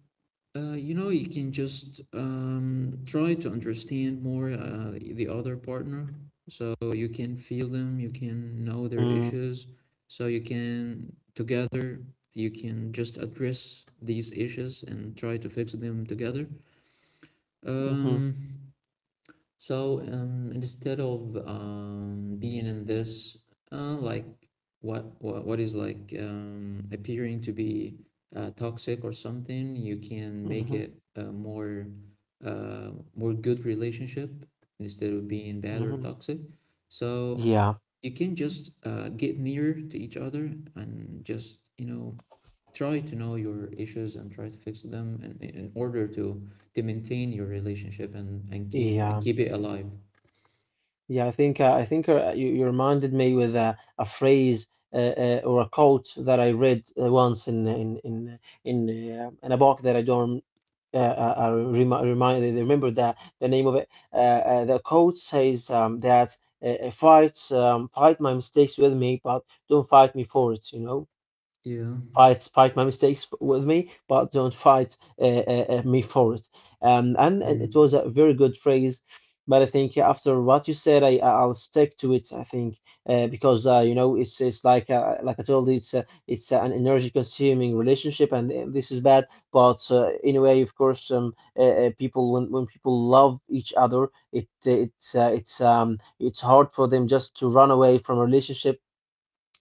You know, you can just try to understand more the other partner. So you can feel them, you can know their
Mm.
issues. So you can, together, you can just address these issues and try to fix them together.
Hmm.
Um, instead of being in this, like what is like appearing to be toxic or something, you can make
Hmm.
it a more more good relationship instead of being bad or
Hmm.
toxic. So
Yeah.
you can just get near to each other and just you know try to know your issues and try to fix them in order to maintain your relationship and and
Yeah.
keep it alive.
Yeah, I think you reminded me with a phrase or a quote that I read once in a book that I don't remi remind remember the name of it. The quote says that fight my mistakes with me, but don't fight me for it. You know,
Yeah.
fight my mistakes with me, but don't fight me for it. And it was
Mm.
a very good phrase. But I think after what you said, I'll stick to it. I think because you know it's like I told you, it's it's an energy consuming relationship, and this is bad. But in a way, of course, people when people love each other, it it's hard for them just to run away from a relationship.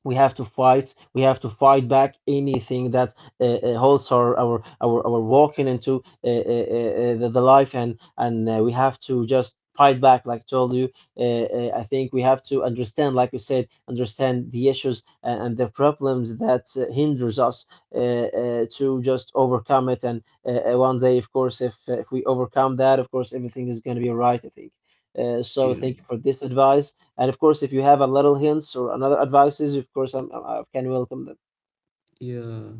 We have to fight, we have to fight back anything that holds our walking into the life, and we have to just fight back like I told you. I think we have to understand, like you said, understand the issues and the problems that hinders us to just overcome it, and one day of course if we overcome that, of course everything is going to be all right, I think. So thank
Yeah.
you for this advice. And of course, if you have a little hints or another advices, of course, I can welcome them.
Yeah.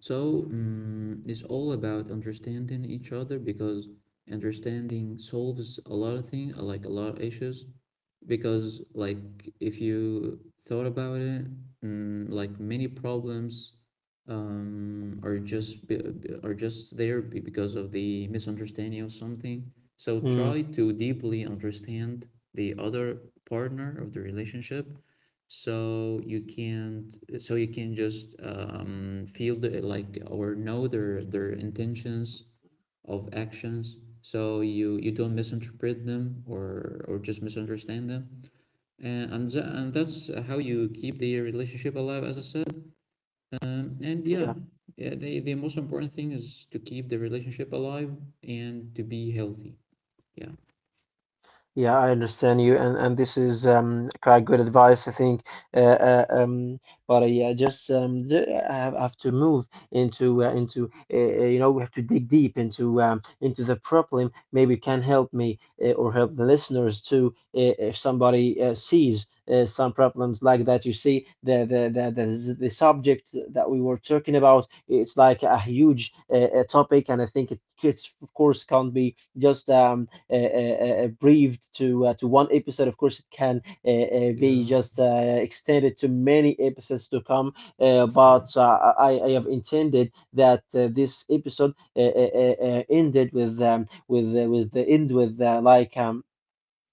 So, it's all about understanding each other because understanding solves a lot of things, like a lot of issues. Because, like, if you thought about it, mm, like many problems are just because of the misunderstanding of something. So
Mm.
try to deeply understand the other partner of the relationship so you can't so you can just feel the like or know their intentions of actions so you don't misinterpret them or just misunderstand them and that's how you keep the relationship alive as I said. And
Yeah.
Yeah, yeah, the most important thing is to keep the relationship alive and to be healthy. Yeah.
Yeah, I understand you, and this is quite good advice, I think. Uh, uh, um, but Yeah, just d I have to move into you know, we have to dig deep into the problem. Maybe you can help me or help the listeners too if somebody sees some problems like that. You see the subject that we were talking about. It's like a huge topic, and I think it it's of course can't be just uh, uh, briefed to one episode. Of course, it can be
Yeah.
just extended to many episodes to come.
Yeah.
But I have intended that this episode ended with the end with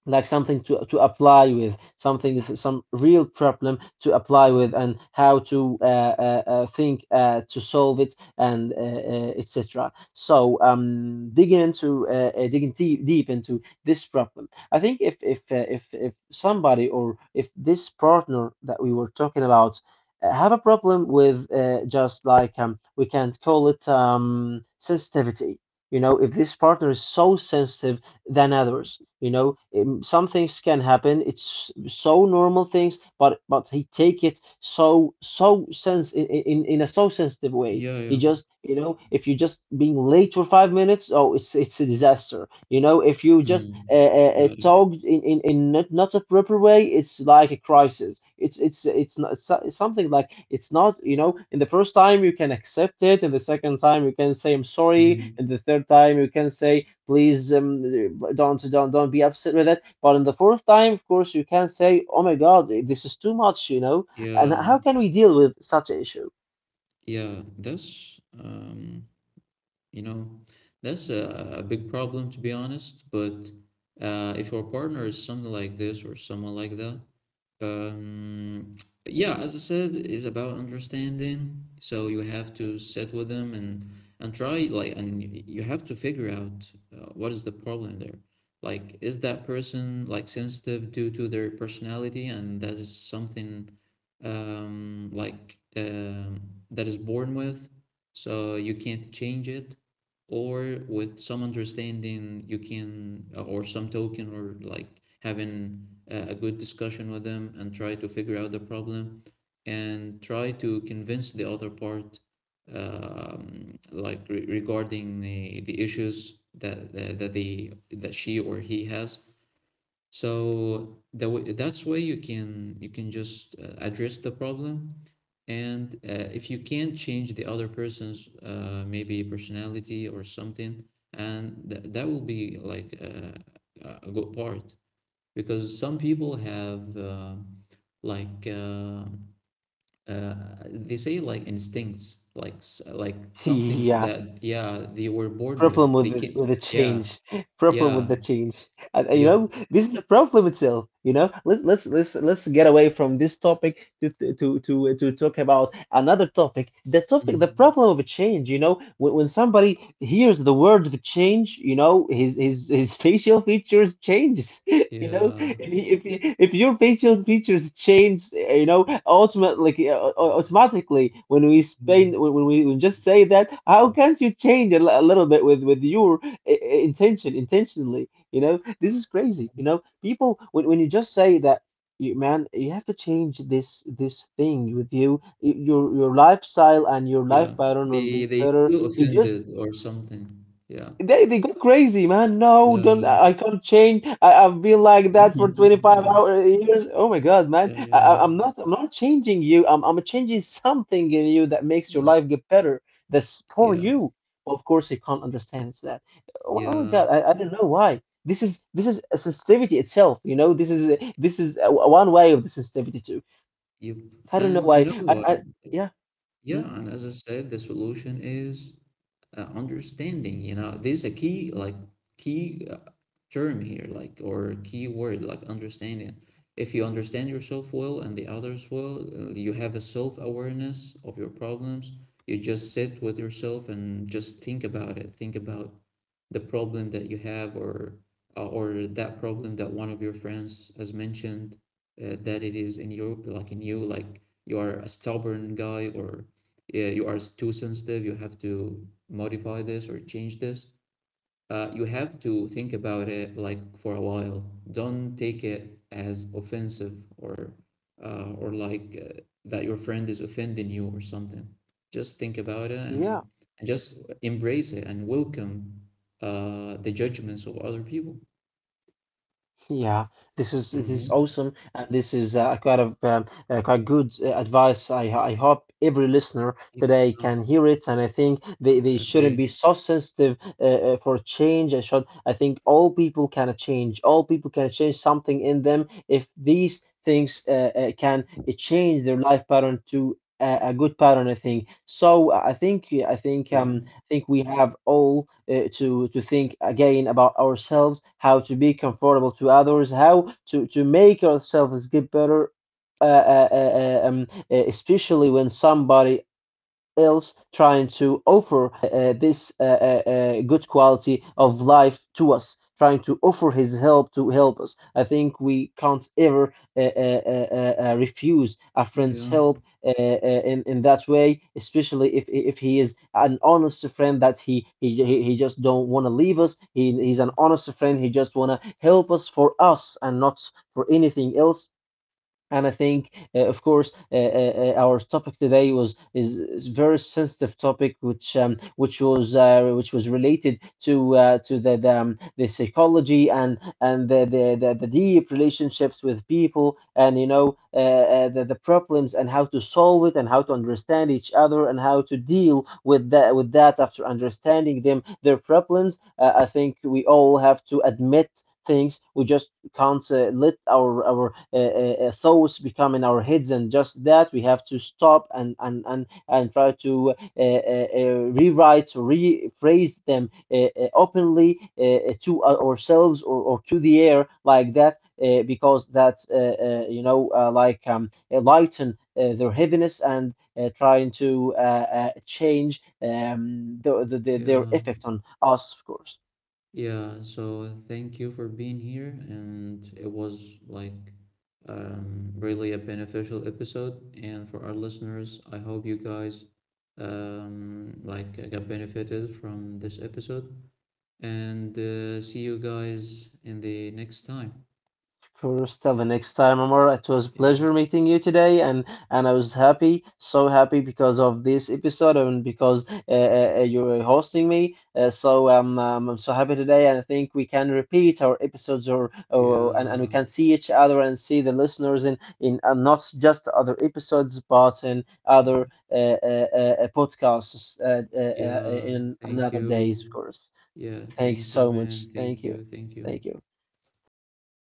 like something to apply with, something some real problem to apply with,
Mhm.
and how to think to solve it and etc. So digging into digging deep into this problem. I think if if somebody, or if this partner that we were talking about have a problem with just like we can't call it sensitivity, you know, if this partner is so sensitive than others. You know, some things can happen. It's so normal things, but he take it so so sense in a so sensitive way.
Yeah.
He
Yeah.
just you know, if you just being late for 5 minutes, oh, it's a disaster. You know, if you just
Mm. Got it.
talk in not, not a proper way, it's like a crisis. It's not it's it's something like it's not, you know. In the first time you can accept it, and the second time you can say I'm sorry,
Mm.
and the third time you can say please don't be upset with it. But in the fourth time, of course, you can say, "Oh my God, this is too much," you know. And
Yeah.
how can we deal with such an issue? (laughs)
Yeah, that's you know, that's a big problem to be honest. But if your partner is something like this or someone like that, um, yeah, as I said, it's about understanding. So you have to sit with them and try like and you have to figure out what is the problem there. Like, is that person like sensitive due to their personality, and that is something um like um that is born with, so you can't change it or with some understanding you can or some token or like having a good discussion with them and try to figure out the problem and try to convince the other part, like regarding the issues that, that they, that she or he has. So the way, that's way you can just address the problem, and if you can't change the other person's maybe personality or something, and that will be like a good part because some people have like uh, uh, they say like instincts like like some things
Yeah,
that yeah they were born
problem
with
with
they can.
with the
Yeah.
change, problem with
Yeah.
the change, and you
Yep.
know this is a problem itself. You know, let's get away from this topic to to talk about another topic. The topic, the
Mm.
problem of a change. You know, when somebody hears the word the change, you know, his (laughs) facial features changes. You know,
Yeah.
if your facial features change, you know, ultimately, automatically,
Mm.
when we just say that, how can't you change a, a little bit with your intentionally? You know, this is crazy. You know, people, when you just say that, you, man, you have to change this thing with you, your lifestyle and your life
Yeah,
pattern will be
they
better.
feel
You just,
offended or something. Yeah,
they go crazy, man. No, don't,
yeah,
I can't change. I've been like that
yeah,
for
(laughs)
25
yeah,
hour years. Oh my God, man.
yeah, yeah, yeah,
I'm not changing you. I'm changing something in you that makes your life get better. That's for
yeah,
you. Of course, you can't understand that. Oh, oh my
yeah.
God, I don't know why. This is a sensitivity itself, you know. This is one way of the sensitivity too.
Yep.
I don't know
And you know
why. I,
what?
I yeah. Mm.
Yeah, and as I said, the solution is understanding. You know, this is a key, like key term here, like or key word, like understanding. If you understand yourself well and the others well, you have a self-awareness of your problems. You just sit with yourself and just think about it, think about the problem that you have, or that problem that one of your friends has mentioned, that it is in your, like in you, like you are a stubborn guy, or yeah, you are too sensitive, you have to modify this or change this. You have to think about it like for a while. Don't take it as offensive or like that your friend is offending you or something. Just think about it,
Yeah.
and just embrace it and welcome the judgments of other people.
Yeah, this is
Hmm.
awesome, and this is quite good advice. I hope every listener
Yeah,
today can hear it, and I think they shouldn't
exactly.
be so sensitive for change. I think all people can change. All people can change something in them if these things can change their life pattern to a good pattern. I think so. I think I think
Yeah,
um think we have all to think again about ourselves, how to be comfortable to others, how to make ourselves get better. Especially when somebody else trying to offer this good quality of life to us, trying to offer his help to help us. I think we can't ever refuse a friend's
yeah,
help in that way, especially if he is an honest friend that he just don't want to leave us. He, he's an
hmm,
honest friend. He just want to help us for us and not for anything else. And I think, of course, our topic today was is a very sensitive topic, which was related to the psychology and the deep relationships with people, and you know the problems and how to solve it, and how to understand each other, and how to deal with that after understanding them their problems. I think we all have to admit things we just can't let our thoughts become in our heads, and just that we have to stop and and try to rewrite, rephrase them openly to ourselves, or to the air like that because that you know lighten their heaviness, and trying to change the, their
yeah.
effect on us, of course.
Yeah, so thank you for being here, and it was like really a beneficial episode. And for our listeners, I hope you guys like got benefited from this episode. And see you guys in the next time.
Sure, till the next time, Amar. It was a
Yeah,
pleasure meeting you today, and I was happy, so happy because of this episode and because you were hosting me. I'm so happy today, and I think we can repeat our episodes, and we
yeah,
can see each other and see the listeners in not just other episodes, but in
yeah,
other uh, uh, podcasts
yeah.
in
Thank
another days, of
you.
course.
Yeah,
Thank
thank
you
you,
so
man.
much.
Thank
Thank
you,
you.
thank you.
Thank you. Thank you. Bye bye.